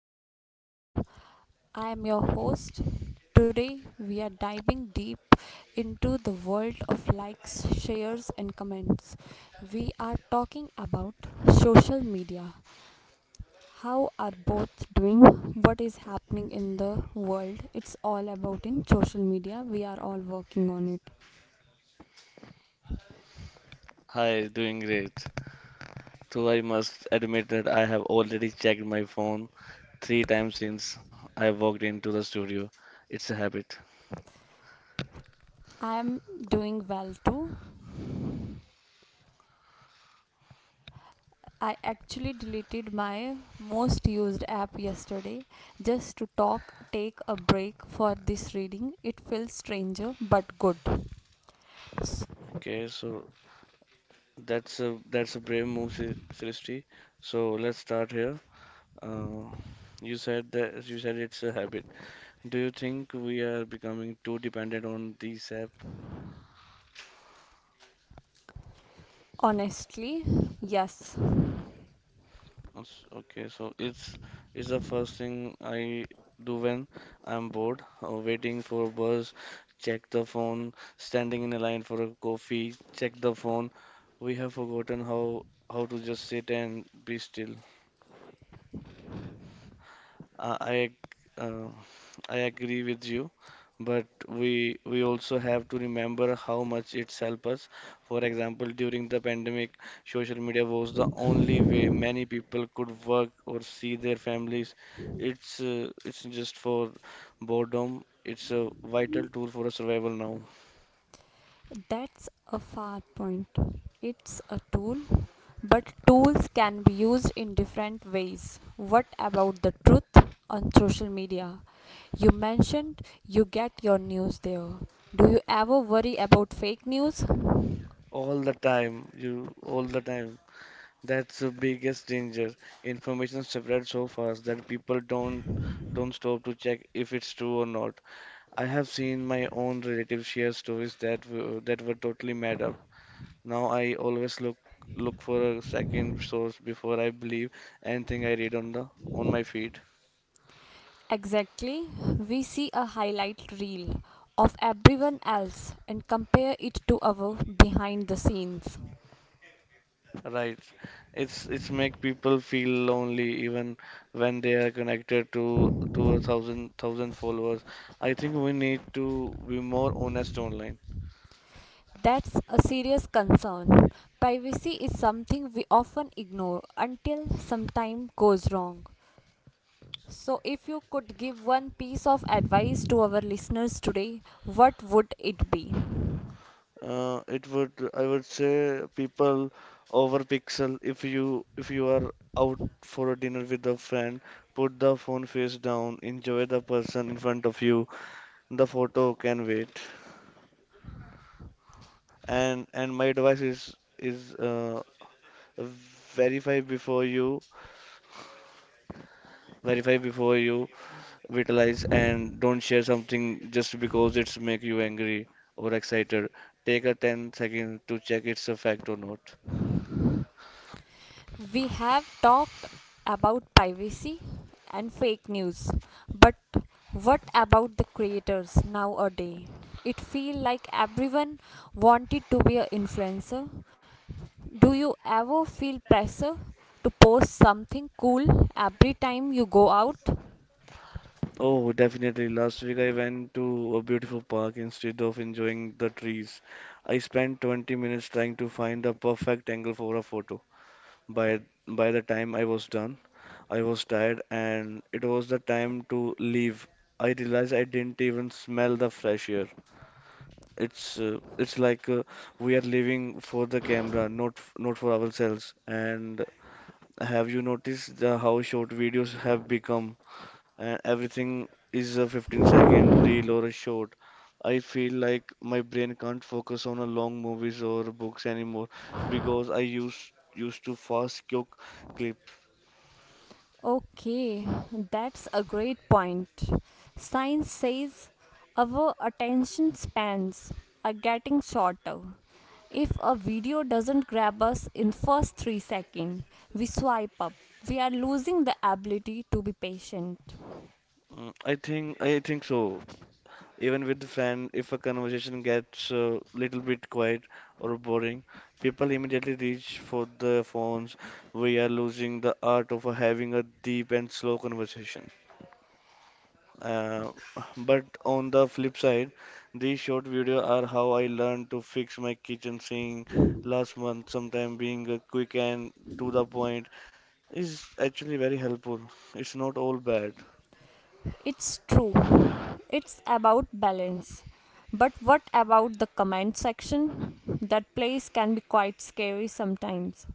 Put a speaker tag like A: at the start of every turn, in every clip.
A: Back to the show. I am your host. Today we are diving deep into the world of likes, shares, and comments. We are talking about social media. How are both doing? What is happening in the world? It's all about in social media. We are all working on it.
B: Hi, doing great. So I must admit that I have already checked my phone three times since I walked into the studio. It's a habit.
A: I am doing well too. I actually deleted my most used app yesterday just to talk take a break for this reading. It feels stranger but good. S-
B: Okay, so that's a brave move, Srishti. So let's start here. Uh, you said it's a habit. Do you think we are becoming too dependent on these apps?
A: Honestly, yes.
B: Okay, so it's the first thing I do when I'm bored, waiting for a bus, check the phone, standing in a line for a coffee, check the phone. We have forgotten how to just sit and be still. Uh, I uh, I agree with you, but we also have to remember how much it's helped us. For example, during the pandemic, social media was the only way many people could work or see their families. It's just for boredom. It's a vital tool for survival now.
A: That's a far point. It's a tool, but tools can be used in different ways. What about the truth on social media? You mentioned you get your news there. Do you ever worry about fake news?
B: All the time, you all the time. That's the biggest danger. Information spreads so fast that people don't stop to check if it's true or not. I have seen my own relatives share stories that were totally made up. Now I always look for a second source before I believe anything I read on the on my feed.
A: Exactly. We see a highlight reel of everyone else and compare it to our behind the scenes.
B: Right. It's make people feel lonely even when they are connected to a thousand followers. I think we need to be more honest online.
A: That's a serious concern. Privacy is something we often ignore until some time goes wrong. So, if you could give one piece of advice to our listeners today, what would it be?
B: I would say, people over pixel. If you are out for a dinner with a friend, put the phone face down, enjoy the person in front of you. The photo can wait. And my advice is verify before you verify before you vitalize, and don't share something just because it's make you angry or excited. Take a 10 second to check it's a fact or not.
A: We have talked about privacy and fake news, but what about the creators nowadays? It feel like everyone wanted to be an influencer. Do you ever feel pressure to post something cool every time you go out?
B: Oh, definitely. Last week I went to a beautiful park. Instead of enjoying the trees, I spent 20 minutes trying to find the perfect angle for a photo. By by the time I was done, I was tired and it was the time to leave. I realized I didn't even smell the fresh air. It's like we are living for the camera, not for ourselves. And have you noticed how short videos have become? And everything is a 15-second reel or a short. I feel like my brain can't focus on a long movies or books anymore because I used to fast quick clip.
A: Okay, that's a great point. Science says our attention spans are getting shorter. If a video doesn't grab us in first 3 seconds, we swipe up. We are losing the ability to be patient.
B: Mm, I think so. Even with friend, if a conversation gets a little bit quiet or boring, people immediately reach for their phones. We are losing the art of having a deep and slow conversation. Uh, but on the flip side, these short videos are how I learned to fix my kitchen sink last month. Sometime being a quick and to the point is actually very helpful. It's not all bad.
A: It's true. It's about balance. But what about the comment section? That place can be quite scary sometimes.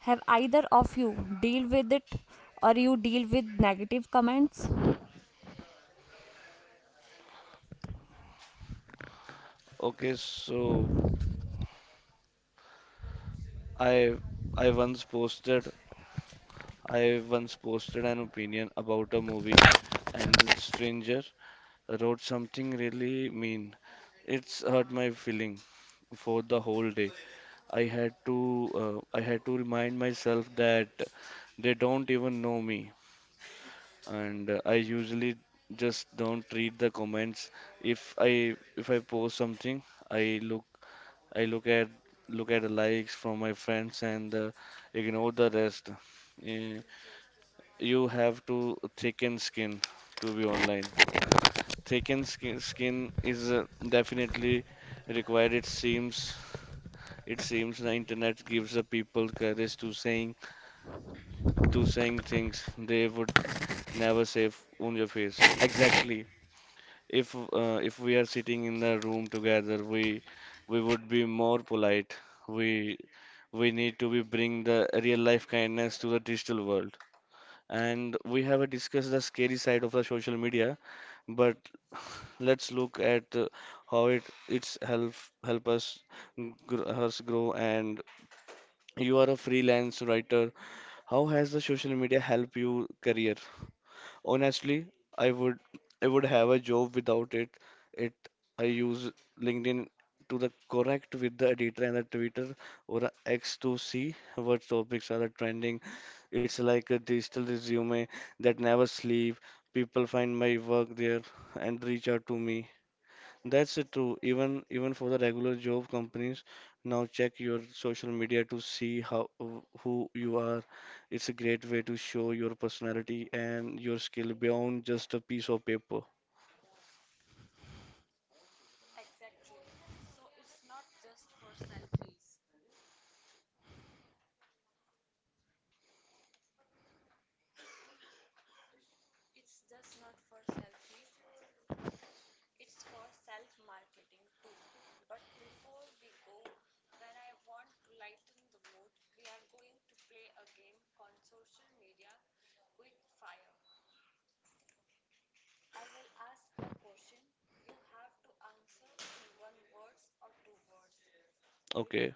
A: Have either of you deal with it or you deal with negative comments?
B: Okay, so I I once posted I once posted an opinion about a movie, and the stranger wrote something really mean. It's hurt my feeling for the whole day. I had to remind myself that they don't even know me, and I usually just don't read the comments. If I post something, I look I look at the likes from my friends, and ignore the rest. Eh, you have to thicken skin to be online. Thicken skin is definitely required. It seems the internet gives the people courage to saying things they would never say on your face. Exactly. If if we are sitting in the room together, we would be more polite. We we need to be bring the real life kindness to the digital world. And we have discussed the scary side of the social media, but let's look at how it it's help help us grow, us grow. And you are a freelance writer. How has the social media help you career? Honestly, I would I would have a job without it. It I use LinkedIn to the correct with the editor, and the Twitter or the X to see what topics are trending. It's like a digital resume that never sleep. People find my work there and reach out to me. That's True. Even for the regular job companies, now check your social media to see who you are. It's a great way to show your personality and your skill beyond just a piece of paper. Okay.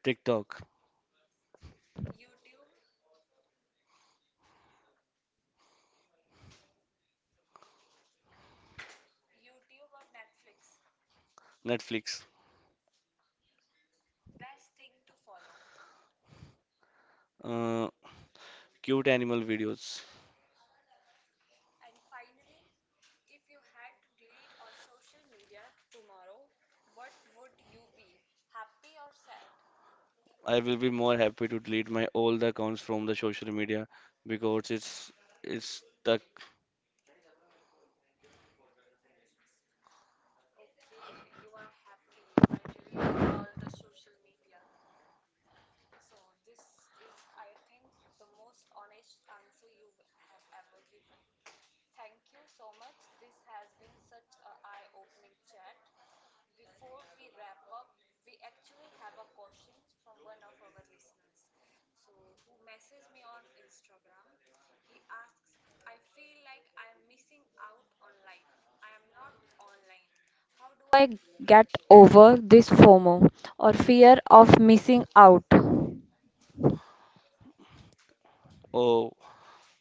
B: TikTok, Netflix, uh, cute animal videos. I will be more happy to delete my old accounts from the social media because it's the
A: How do I get over this FOMO or fear of missing out?
B: oh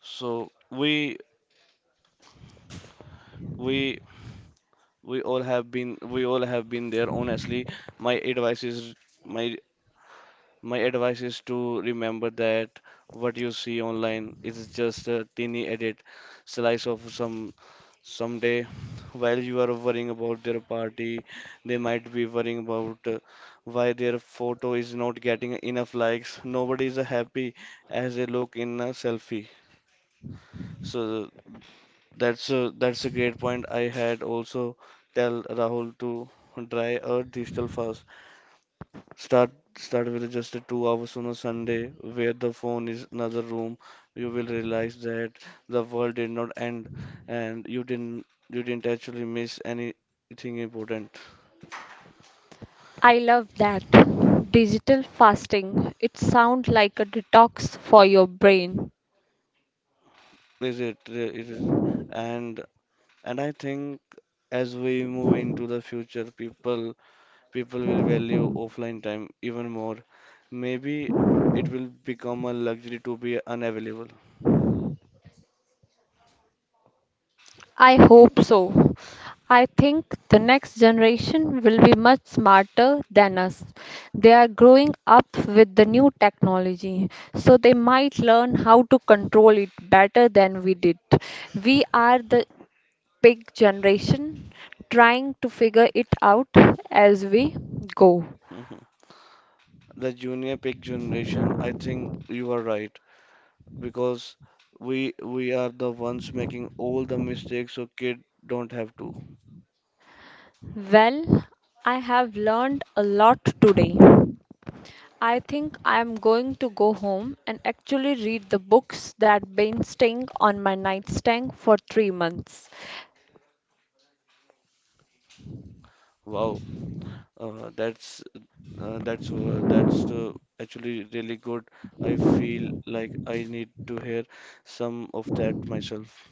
B: so we we we all have been we all have been there honestly. My advice is my my advice is to remember that what you see online is just a teeny edit slice of someday. While you are worrying about their party, they might be worrying about why their photo is not getting enough likes. Nobody is happy as they look in a selfie. So that's a great point. I had also tell Rahul to try a digital fast. Start Start with just a 2 hours on a Sunday where the phone is another room. You will realize that the world did not end, and you didn't actually miss anything important.
A: I love that. Digital fasting. It sounds like a detox for your brain.
B: Is it It is, and I think as we move into the future, people will value offline time even more. Maybe it will become a luxury to be unavailable.
A: I hope so. I think the next generation will be much smarter than us. They are growing up with the new technology, so they might learn how to control it better than we did. We are the big generation trying to figure it out as we go.
B: Mhm. The junior pick generation, I think you are right because we we are the ones making all the mistakes so kid don't have to.
A: Well, I have learned a lot today. I think I am going to go home and actually read the books that been staying on my nightstand for 3 months.
B: Wow, uh, that's that's actually really good. I feel like I need to hear some of that myself.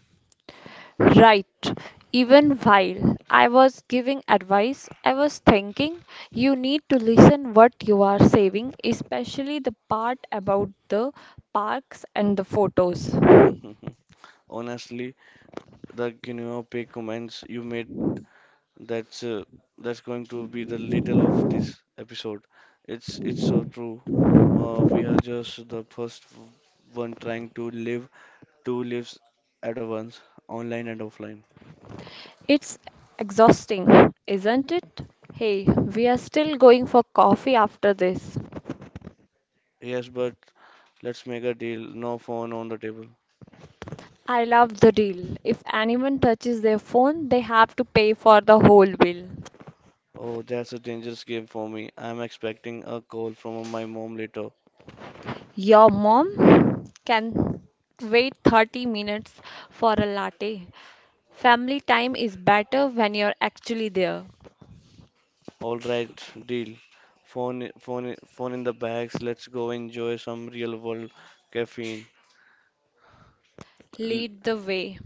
A: Right. Even while I was giving advice, I was thinking you need to listen what you are saving, especially the part about the parks and the photos.
B: Honestly, the guinea pig comments you made, That's uh, that's going to be the little of this episode. It's so true. We are just the first one trying to live two lives at once, online and offline.
A: It's exhausting, isn't it? Hey, we are still going for coffee after this.
B: Yes, but let's make a deal. No phone on the table.
A: I love the deal. If anyone touches their phone, they have to pay for the whole bill.
B: Oh, that's a dangerous game for me. I'm expecting a call from my mom later.
A: Your mom can wait 30 minutes for a latte. Family time is better when you're actually there.
B: All right, deal. Phone in the bags. Let's go enjoy some real world caffeine.
A: Lead the way.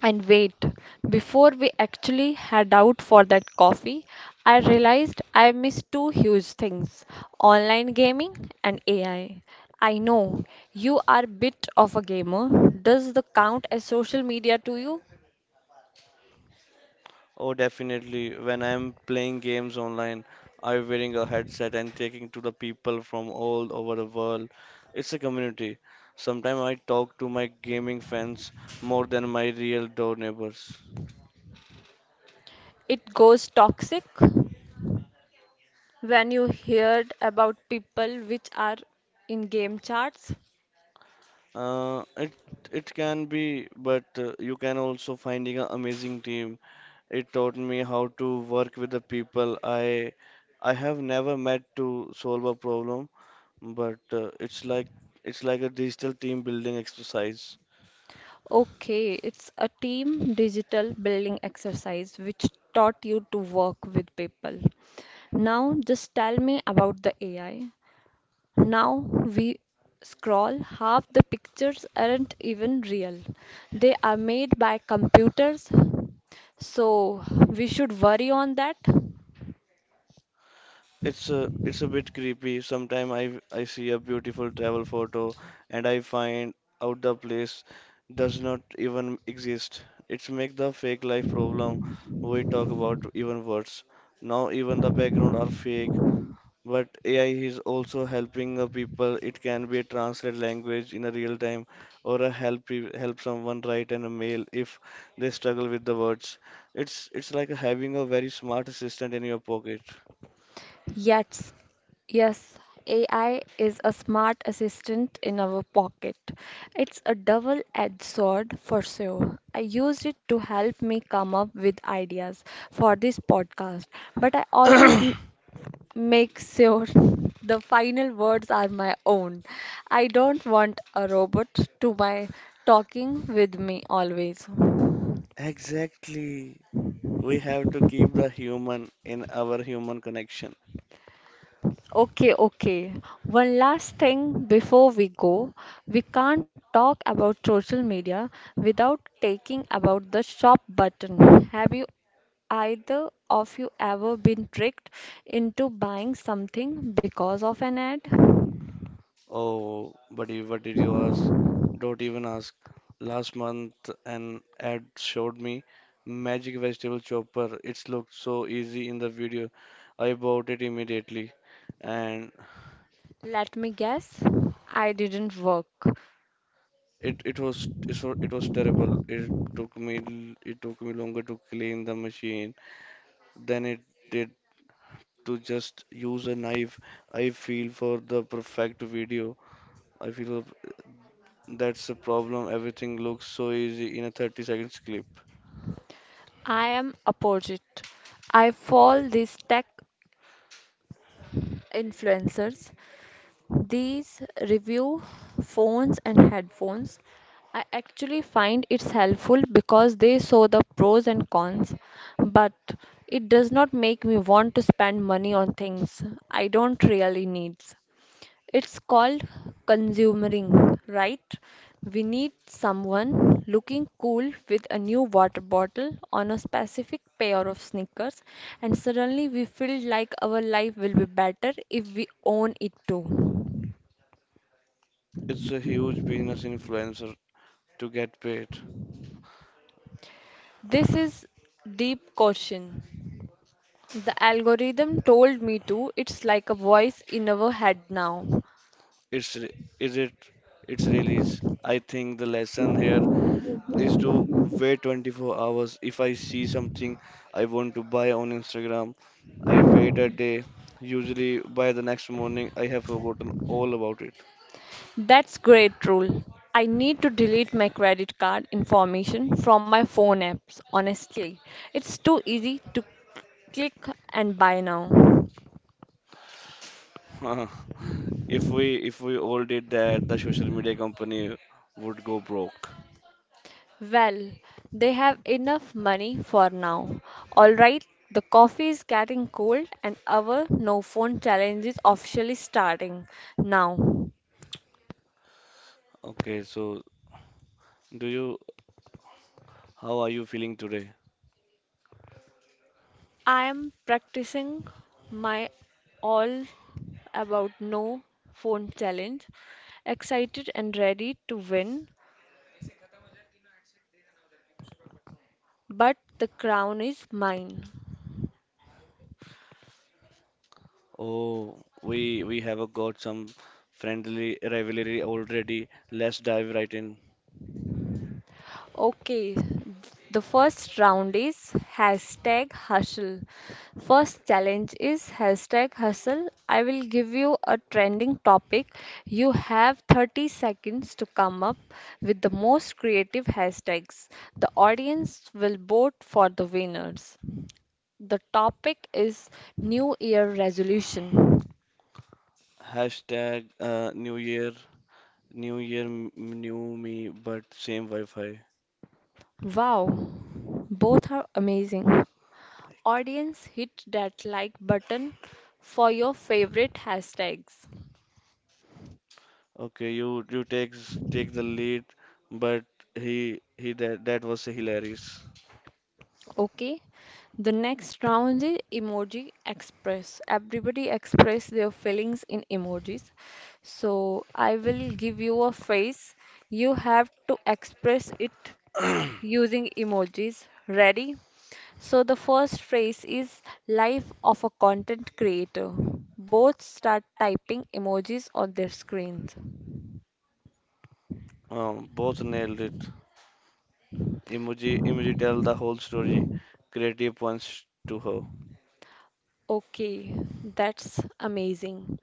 A: And wait, before we actually head out for that coffee, I realized I missed two huge things: online gaming and AI. I know you are a bit of a gamer. Does the count as social media to you?
B: Oh, definitely. When I'm playing games online, I'm wearing a headset and talking to the people from all over the world. It's a community. Sometimes I talk to my gaming fans more than my real door neighbors.
A: It goes toxic when you heard about people which are in game charts.
B: Uh, it it can be, but you can also finding an amazing team. It taught me how to work with the people I have never met to solve a problem, but it's like a digital team building exercise.
A: Okay, it's a team digital building exercise which taught you to work with people. Now just tell me about the AI. Now we scroll, half the pictures aren't even real. They are made by computers. So we should worry on that.
B: It's a bit creepy. Sometimes I see a beautiful travel photo and I find out the place does not even exist. It's make the fake life problem we talk about even worse. Now even the background are fake, but AI is also helping the people. It can be a translate language in a real time or a help someone write an email if they struggle with the words. It's like having a very smart assistant in your pocket.
A: Yes, yes, AI is a smart assistant in our pocket. It's a double-edged sword for sure. I used it to help me come up with ideas for this podcast, but I always make sure the final words are my own. I don't want a robot to my talking with me always.
B: Exactly. We have to keep the human in our human connection.
A: Okay, okay. One last thing before we go. We can't talk about social media without taking about the shop button. Have you either of you ever been tricked into buying something because of an ad?
B: Oh, buddy, what did you ask? Don't even ask. Last month, an ad showed me magic vegetable chopper. It looked so easy in the video. I bought it immediately, and
A: Let me guess, I didn't work.
B: it was terrible. It took me longer to clean the machine than it did to just use a knife. I feel for the perfect video. I feel That's the problem. Everything looks so easy in a 30 seconds clip.
A: I am opposite. I follow these tech influencers, these review phones and headphones. I actually find it's helpful because they show the pros and cons, but it does not make me want to spend money on things I don't really need. It's called consumering, right? We need someone looking cool with a new water bottle on a specific pair of sneakers, and suddenly we feel like our life will be better if we own it too.
B: It's a huge business influencer to get paid.
A: This is deep caution. The algorithm told me to. It's like a voice in our head now.
B: It's re- is it its Release. I think the lesson here is to wait 24 hours. If I see something I want to buy on Instagram, I wait a day. Usually by the next morning, I have forgotten all about it.
A: That's great rule. I need to delete my credit card information from my phone apps, honestly. It's too easy to click and buy now.
B: If we all did that, the social media company would go broke.
A: Well, they have enough money for now. All right, the coffee is getting cold and our no phone challenge is officially starting now.
B: Okay, so do you how are you feeling today?
A: I am practicing my all about no phone challenge, excited and ready to win, but the crown is mine.
B: Oh, we we have got some friendly rivalry already. Let's dive right in.
A: Okay, the first round is hashtag hustle. First challenge is hashtag hustle. I will give you a trending topic. You have 30 seconds to come up with the most creative hashtags. The audience will vote for the winners. The topic is New Year resolution.
B: Hashtag New Year, New Year, m- new me, but same Wi-Fi.
A: Wow, both are amazing. Audience, hit that like button for your favorite hashtags.
B: Okay, you take the lead, but he he that was hilarious.
A: Okay, the next round is emoji express. Everybody express their feelings in emojis. So I will give you a phrase. You have to express it using emojis. Ready? So the first phrase is life of a content creator. Both start typing emojis on their screens.
B: Both nailed it. Emoji tell the whole story. Creative punch to her.
A: Okay, that's amazing.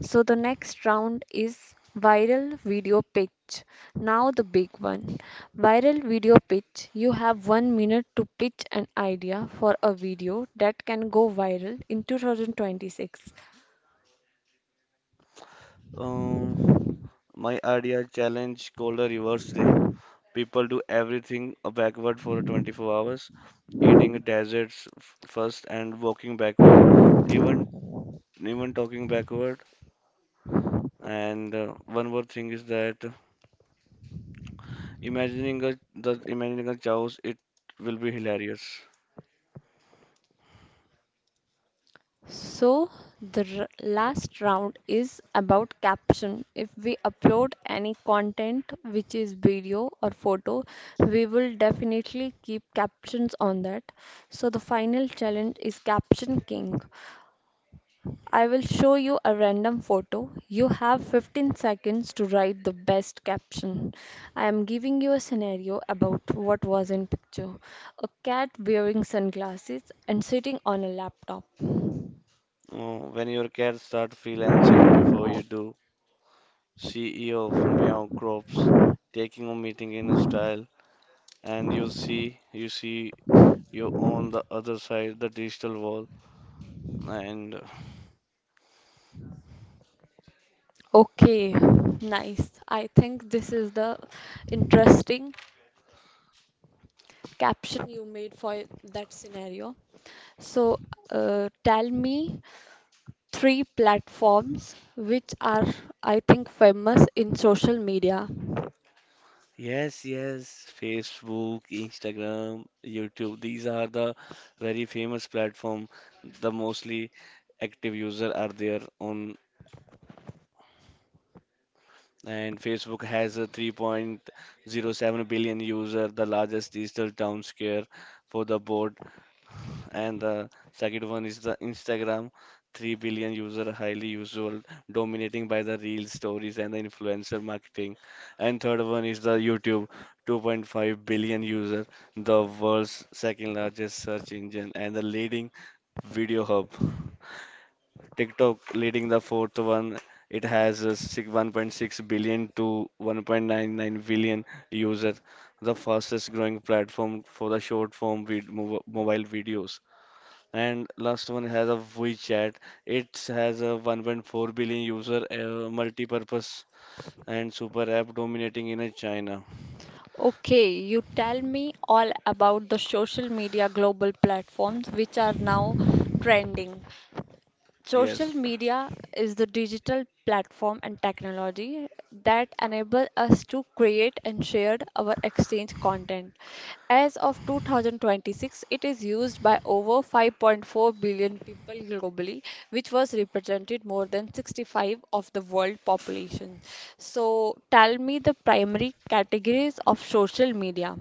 A: So the next round is viral video pitch. Now the big one. Viral video pitch. You have 1 minute to pitch an idea for a video that can go viral in 2026.
B: Um, my idea challenge called a reverse day. People do everything backward for 24 hours, eating deserts first and walking backward, even even talking backward. And one more thing is that imagining a chaos, it will be hilarious.
A: So the last round is about caption. If we upload any content which is video or photo, we will definitely keep captions on that. So the final challenge is Caption King. I will show you a random photo. You have 15 seconds to write the best caption. I am giving you a scenario about what was in picture. A cat wearing sunglasses and sitting on a laptop.
B: When your cat start freelancing before you do, CEO of Meow Crops taking a meeting in a style, and you see you on the other side the digital wall, and
A: Okay, nice. I think this is the interesting caption you made for that scenario. So, tell me three platforms which are, I think, famous in social media.
B: yes, yes, Facebook, Instagram, YouTube, these are the very famous platform. The mostly active user are there on and Facebook has a 3.07 billion user, the largest digital town square for the board, and the second one is the Instagram, 3 billion user, highly usual, dominating by the real stories and the influencer marketing. And third one is the YouTube, 2.5 billion user, the world's second largest search engine and the leading video hub. TikTok leading the fourth one. It has a 1.6 billion to 1.99 billion user, the fastest growing platform for the short form vid- mov- mobile videos. And last one has a WeChat. It has a 1.4 billion user multi-purpose and super app dominating in China.
A: Okay, you tell me all about the social media global platforms which are now trending. Social
B: Yes.
A: media is the digital platform and technology that enable us to create and share our exchange content. As of 2026, it is used by over 5.4 billion people globally, which was represented more than 65 of the world population. So tell me the primary categories of social media.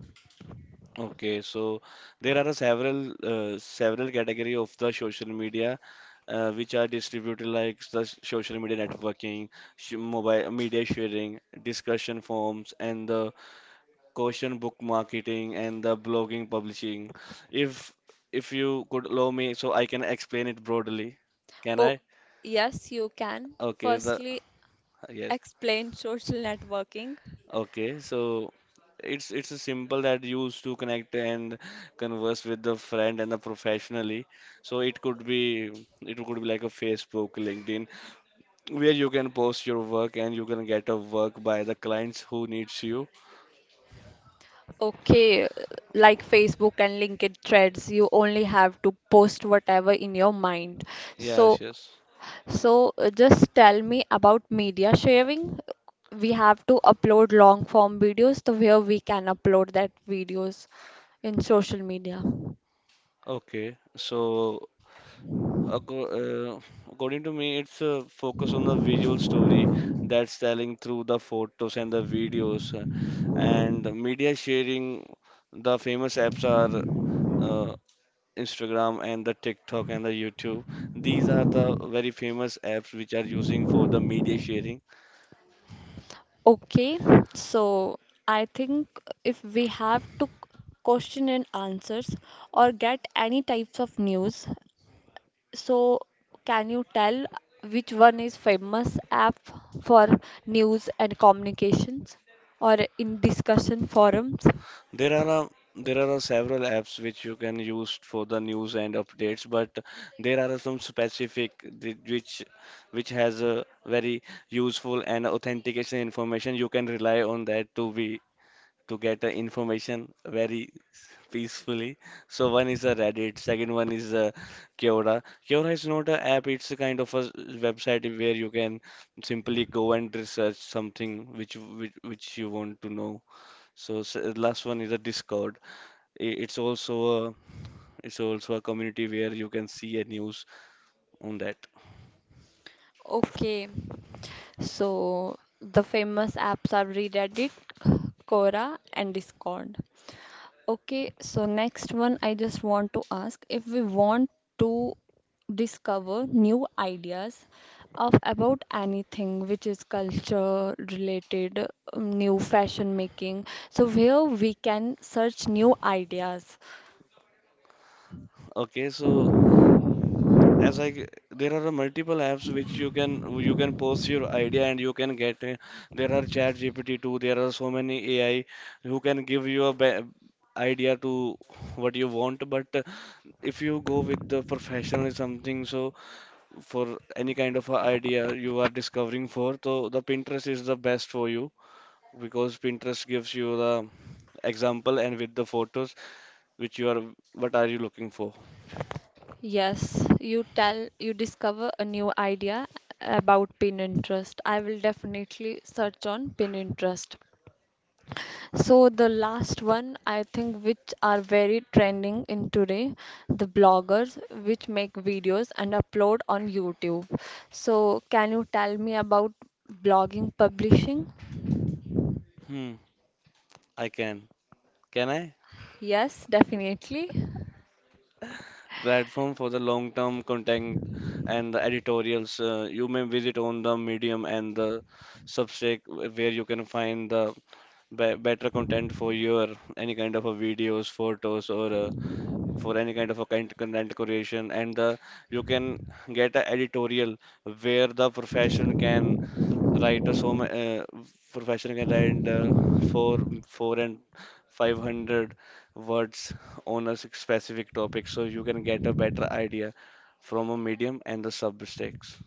B: Okay. So there are a several several category of the social media which are distributed like the social media networking, sh mobile media sharing, discussion forums, and the question book marketing and the blogging publishing. If if you could allow me, so I can explain it broadly. Can I?
A: Oh, yes, you can.
B: Okay, the
A: Firstly,
B: yes.
A: explain social networking.
B: Okay, so it's a simple that used to connect and converse with the friend and the professionally. So it could be like a Facebook, LinkedIn, where you can post your work and you can get a work by the clients who needs you.
A: Okay, like Facebook and LinkedIn threads, you only have to post whatever in your mind.
B: Yes,
A: So,
B: yes.
A: so, just tell me about media sharing. We have to upload long form videos to where we can upload that videos in social media.
B: Okay, so Acco- uh, according to me, it's a focus on the visual story that's telling through the photos and the videos, and the media sharing. The famous apps are uh, Instagram and the TikTok and the YouTube. These are the very famous apps which are using for the media sharing.
A: Okay, so I think if we have to question and answers or get any types of news, so, can you tell which one is famous app for news and communications or in discussion forums?
B: There are a, there are a several apps which you can use for the news and updates, but there are some specific which has a very useful and authentication information. You can rely on that to be to get the information very peacefully. So one is a Reddit, second one is a Quora. Quora is not a app; it's a kind of a website where you can simply go and research something which you want to know. So last one is a Discord. I- It's also a it's also a community where you can see a news on that.
A: Okay, so the famous apps are Reddit, Quora, and Discord. Okay, so next one, I just want to ask if we want to discover new ideas of about anything which is culture related, new fashion making. So where we can search new ideas.
B: Okay, so as I g- there are a multiple apps which you can post your idea and you can get there are ChatGPT too. There are so many AI who can give you a be idea to what you want. But if you go with the professional something, so for any kind of a idea you are discovering for, so the Pinterest is the best for you because Pinterest gives you the example and with the photos which you are what are you looking for?
A: Yes, you tell, you discover a new idea about Pinterest. I will definitely search on Pinterest. So the last one I think which are very trending in today, the bloggers which make videos and upload on YouTube. So can you tell me about blogging publishing?
B: Hmm, I can. Can I?
A: Yes, definitely.
B: Platform for the long-term content and the editorials. You may visit on the Medium and the Substack where you can find the be better content for your any kind of a videos, photos, or for any kind of a kind content creation. And you can get an editorial where the profession can writer professional can write four four and 500 words on a specific topic so you can get a better idea from a medium and the subjects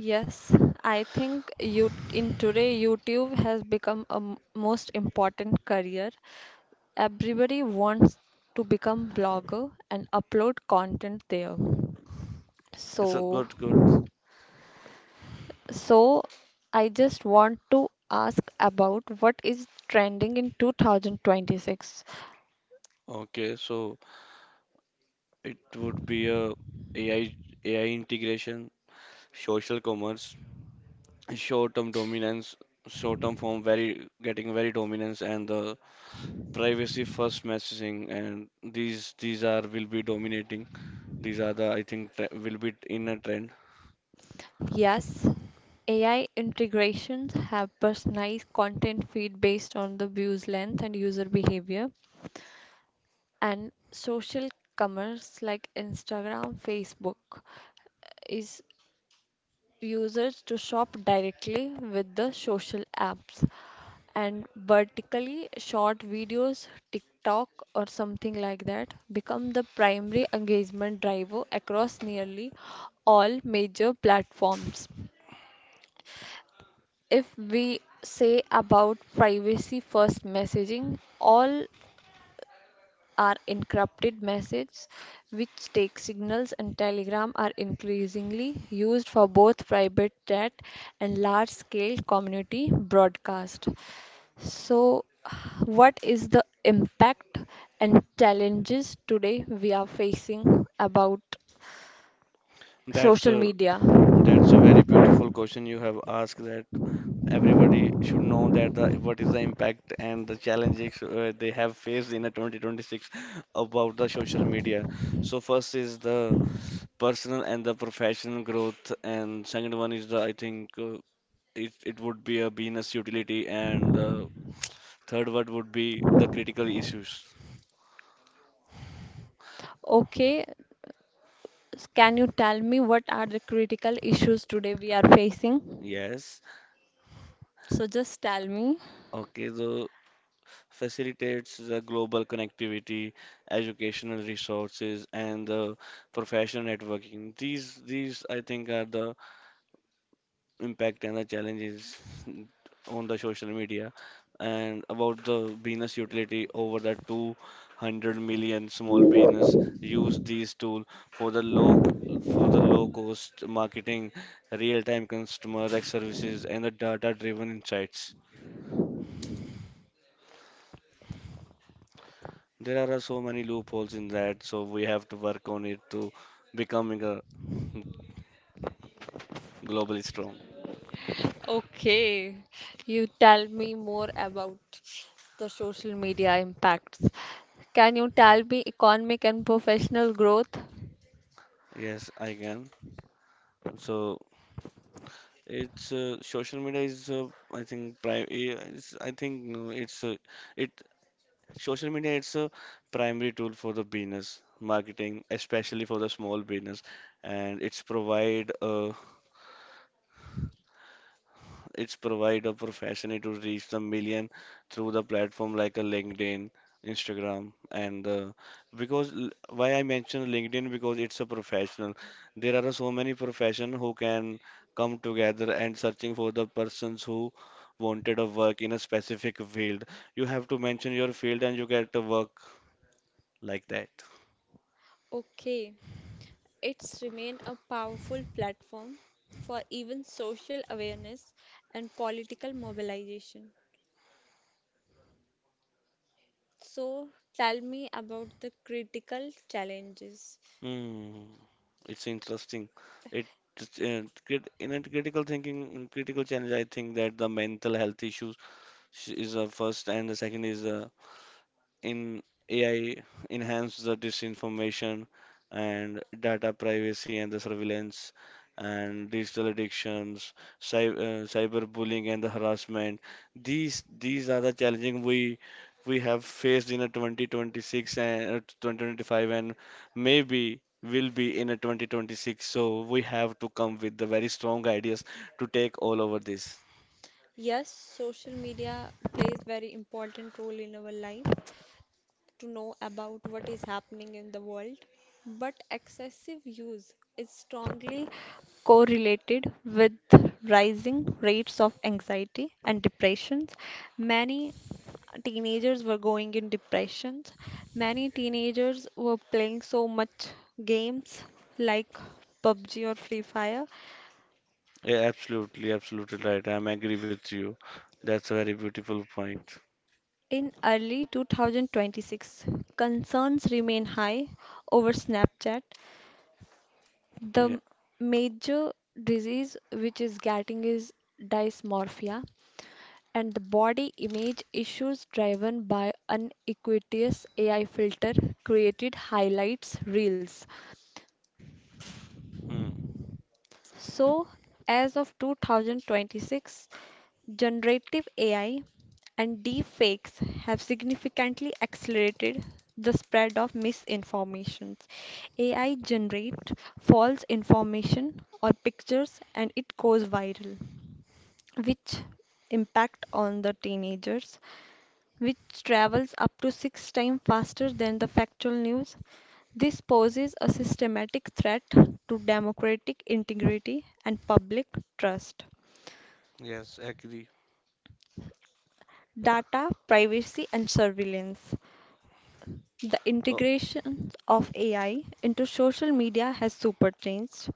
A: Yes, I think you in today YouTube has become a most important career. Everybody wants to become blogger and upload content there.
B: it's a
A: So
B: good good
A: so, I just want to ask about what is trending in 2026.
B: Okay, so it would be a AI AI integration, social commerce short-term dominance short-term form very getting very dominance, and the privacy first messaging, and these are will be dominating. These are the I think will be in a trend.
A: Yes, AI integrations have personalized content feed based on the view's length and user behavior, and social commerce like Instagram, Facebook is users to shop directly with the social apps, and vertically short videos, TikTok or something like that become the primary engagement driver across nearly all major platforms. If we say about privacy first messaging, all are encrypted messages which take signals and telegram are increasingly used for both private chat and large scale community broadcast. So, what is the impact and challenges today we are facing about
B: That's
A: social
B: a
A: media?
B: that's a very beautiful question you have asked, that everybody should know that the what is the impact and the challenges they have faced in a 2026 about the social media. So first is the personal and the professional growth, and second one is the I think it would be a business utility, and third one would be the critical issues.
A: Okay, can you tell me what are the critical issues today we are facing?
B: Yes.
A: So, just tell me.
B: Okay, so facilitates the global connectivity, educational resources, and the professional networking. These I think, are the impact and the challenges on the social media. And about the business utility, over the 200 million small business use these tool for the low cost marketing, real time customer services, and the data driven insights. There are so many loopholes in that, so we have to work on it to becoming a globally strong.
A: Okay, you tell me more about the social media impacts. Can you tell me economic and professional growth?
B: Yes, I can. So it's social media is I think prime. It's, I think no, it's it social media it's a primary tool for the business marketing, especially for the small business, and it's provide a professional to reach the million through the platform like a LinkedIn, Instagram, and because why I mention LinkedIn because it's a professional. There are so many profession who can come together and searching for the persons who wanted a work in a specific field. You have to mention your field and you get the work like that.
A: Okay. It's remained a powerful platform for even social awareness and political mobilization. So tell me about the critical challenges.
B: Hmm, it's interesting. It, just, in a critical thinking, critical challenge, I think that the mental health issues. Is the first, and the second is in AI enhance the disinformation and data privacy and the surveillance and digital addictions, cyberbullying and the harassment. These are the challenging we have faced in a 2026 and 2025, and maybe will be in a 2026. So we have to come with the very strong ideas to take all over this.
A: Yes, social media plays very important role in our life, to know about what is happening in the world, but excessive use is strongly correlated with rising rates of anxiety and depressions. Many teenagers were going in depressions. Many teenagers were playing so much games like PUBG or Free Fire.
B: Yeah, absolutely, absolutely right. I'm agree with you. That's a very beautiful point.
A: In early 2026, concerns remain high over Snapchat.
B: Yeah.
A: The major disease which is getting is dysmorphia and the body image issues driven by unequitous AI filter created highlights reels.
B: Hmm.
A: So, as of 2026, generative AI and deepfakes have significantly accelerated the spread of misinformations. AI generates false information or pictures and it goes viral, which impact on the teenagers, which travels up to six times faster than the factual news. This poses a systematic threat to democratic integrity and public trust.
B: Yes, agree.
A: Data, privacy, and surveillance. The
B: Oh,
A: integration of AI into social media has superchanged.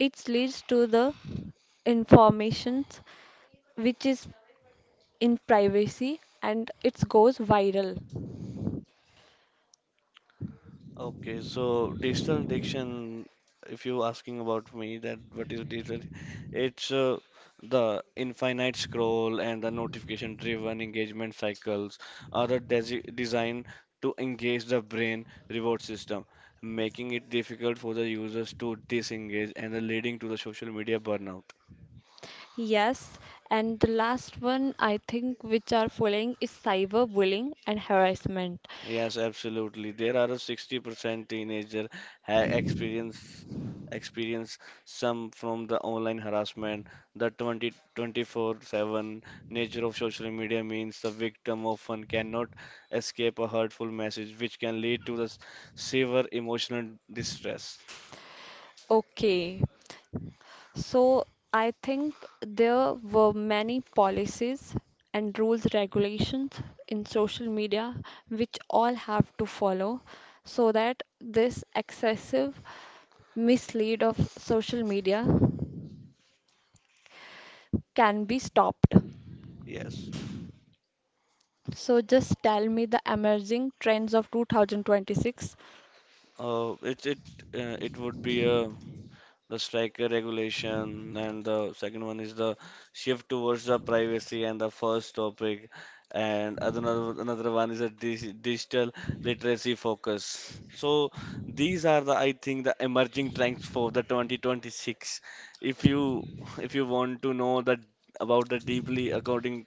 A: It leads to the information which is in privacy and it goes viral.
B: okay. So digital addiction, if you're asking about me, that what is digital? It's the infinite scroll and the notification-driven engagement cycles are the designed to engage the brain reward system, making it difficult for the users to disengage and leading to the social media burnout.
A: Yes, and the last one I think which are following is cyberbullying and harassment.
B: Yes, absolutely. There are a 60% teenager ha experience some from the online harassment. The 20 24/7 nature of social media means the victim often cannot escape a hurtful message, which can lead to the severe emotional distress.
A: Okay, so I think there were many policies and rules, regulations in social media which all have to follow so that this excessive mislead of social media can be stopped.
B: Yes,
A: So just tell me the emerging trends of 2026.
B: uh, it it it would be a the strike regulation, and the second one is the shift towards the privacy and the first topic, and another one is a digital literacy focus. So these are the I think the emerging trends for the 2026. If you if you want to know that about the deeply according,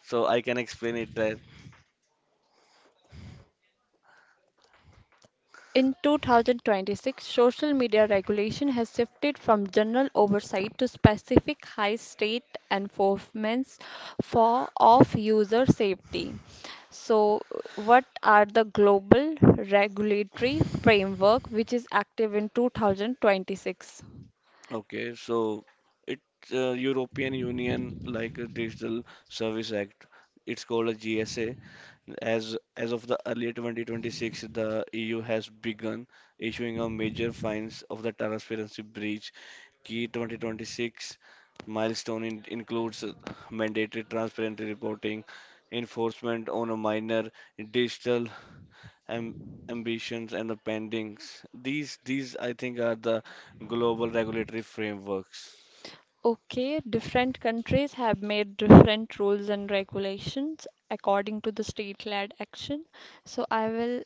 B: so I can explain it there.
A: In 2026, social media regulation has shifted from general oversight to specific high state enforcements for of user safety. So, what are the global regulatory framework which is active in 2026?
B: Okay, so it's European Union like a Digital Service Act. It's called a GSA. As of the early 2026, the EU has begun issuing a major fines of the transparency breach. Key 2026 milestone in, includes mandatory transparency reporting, enforcement on a minor, digital am, ambitions, and the pendings. These I think are the global regulatory frameworks.
A: Okay, different countries have made different rules and regulations according to the state-led action. So I will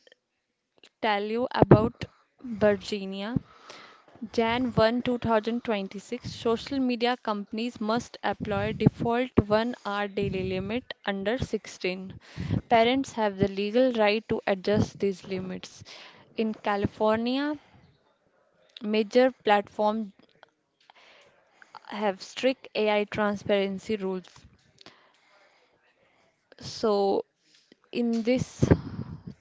A: tell you about Virginia. Jan 1, 2026, social media companies must employ default 1 hour daily limit under 16. Parents have the legal right to adjust these limits. In California, major platforms have strict AI transparency rules. So, in this,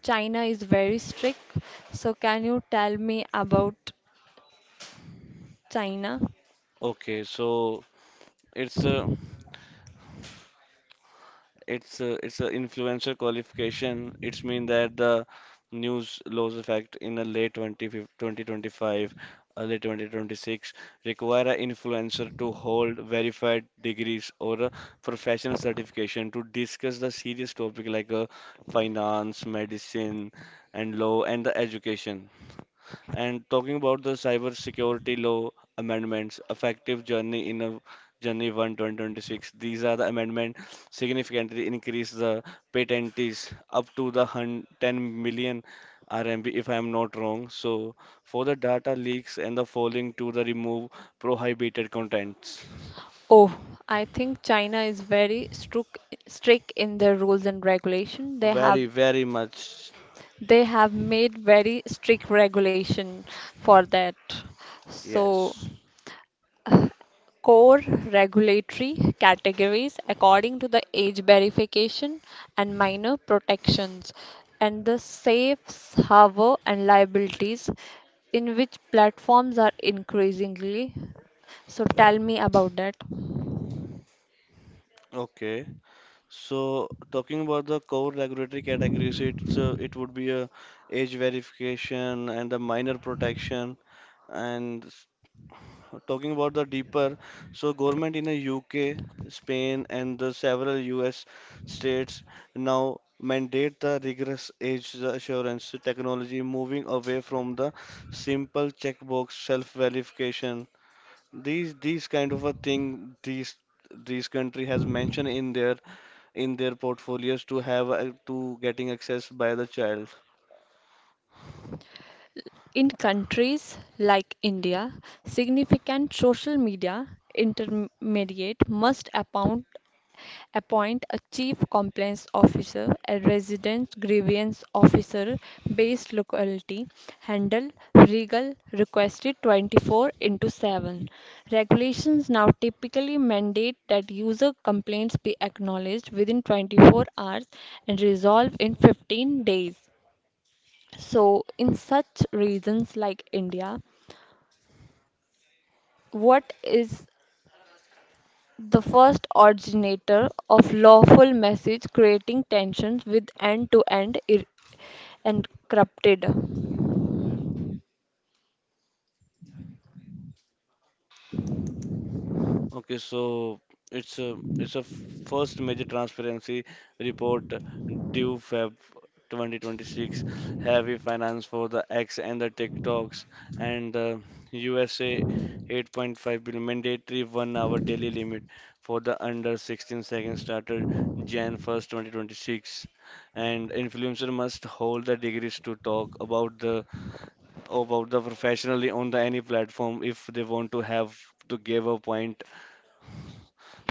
A: China is very strict. So, can you tell me about China?
B: Okay, so it's it's a influencer qualification. It's mean that the news laws effect in a 2025, early 2026 require an influencer to hold verified degrees or a professional certification to discuss the serious topic like finance, medicine, and law and the education. And talking about the cyber security law amendments, effective journey in a January 1, 2026, these are the amendment significantly increase the patentees up to the 10 million RMB, if I am not wrong. So for the data leaks and the falling to the remove prohibited contents.
A: Oh, I think China is very strict in their rules and regulation.
B: Very, very much.
A: They have made very strict regulation for that. So
B: Yes.
A: core regulatory categories according to the age verification and minor protections and the safe harbor and liabilities in which platforms are increasingly, so tell me about that.
B: Okay. So talking about the core regulatory categories, it's it would be a age verification and the minor protection. And talking about the deeper, so government in the UK, Spain, and the several US states now mandate the rigorous age assurance technology, moving away from the simple checkbox self-verification. These kind of a thing these country has mentioned in their portfolios to have to getting access by the child.
A: In countries like India, significant social media intermediate must appoint a chief compliance officer, a resident grievance officer based locality, handle legal requested 24 into 7. Regulations now typically mandate that user complaints be acknowledged within 24 hours and resolved in 15 days. So, in such regions like India, what is the first originator of lawful message creating tensions with end to end encrypted?
B: Okay, so it's a first major transparency report due Feb 2026. Heavy finance for the X and the TikToks and USA 8.5 billion mandatory one-hour daily limit for the under 16 seconds started Jan 1st, 2026. And influencer must hold the degrees to talk about the professionally on the any platform if they want to have to give a point.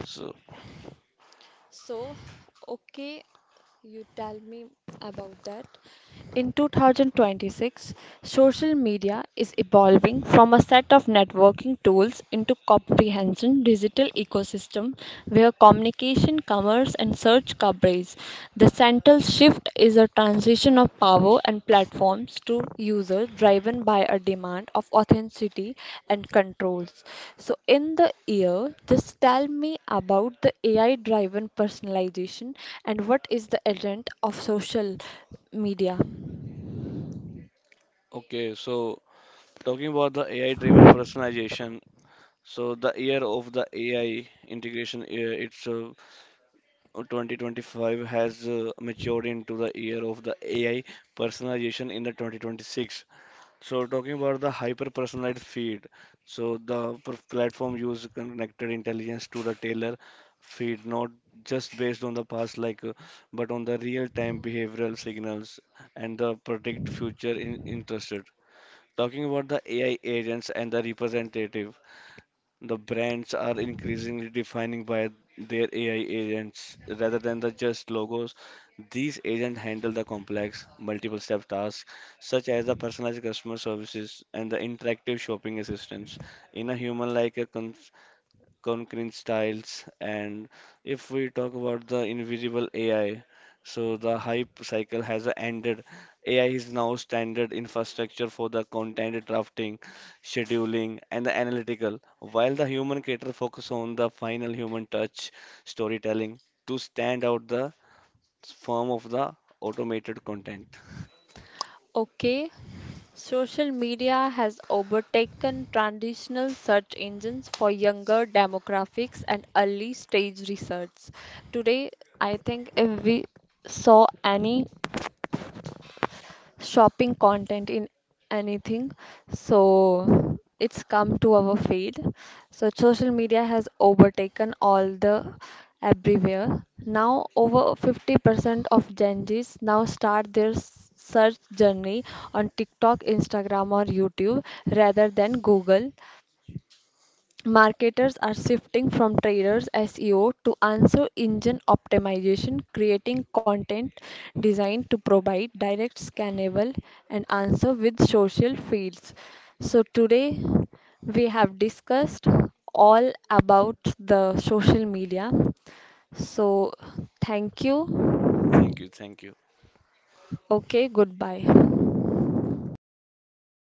B: So
A: So, okay, you tell me about that. In 2026, social media is evolving from a set of networking tools into comprehensive digital ecosystem where communication, commerce and search coverage. The central shift is a transition of power and platforms to users driven by a demand of authenticity and controls. So in the year, just tell me about the AI driven personalization and what is the agent of social media.
B: okay, so talking about the AI driven personalization. So the year of the AI integration, it's 2025 has matured into the year of the AI personalization in the 2026. So talking about the hyper-personalized feed, so the platform use connected intelligence to the tailor feed, not just based on the past like, but on the real-time behavioral signals and the predict future in interested. Talking about the AI agents and the representative, the brands are increasingly defining by their AI agents rather than the just logos. These agents handle the complex, multiple step tasks such as the personalized customer services and the interactive shopping assistance in a human like conquering styles. And if we talk about the invisible AI, so the hype cycle has ended. AI is now standard infrastructure for the content drafting, scheduling, and the analytical, while the human creator focus on the final human touch storytelling to stand out the form of the automated content.
A: Okay, social media has overtaken traditional search engines for younger demographics and early stage research. Today, I think if we saw any shopping content in anything. So it's come to our feed. So social media has overtaken all the everywhere. Now over 50% of Gen Zs now start their search journey on TikTok, Instagram or YouTube rather than Google. Marketers are shifting from traders SEO to answer engine optimization, creating content designed to provide direct scannable and answer with social fields. So today we have discussed all about the social media. So thank you.
B: Thank you, thank you.
A: Okay, goodbye.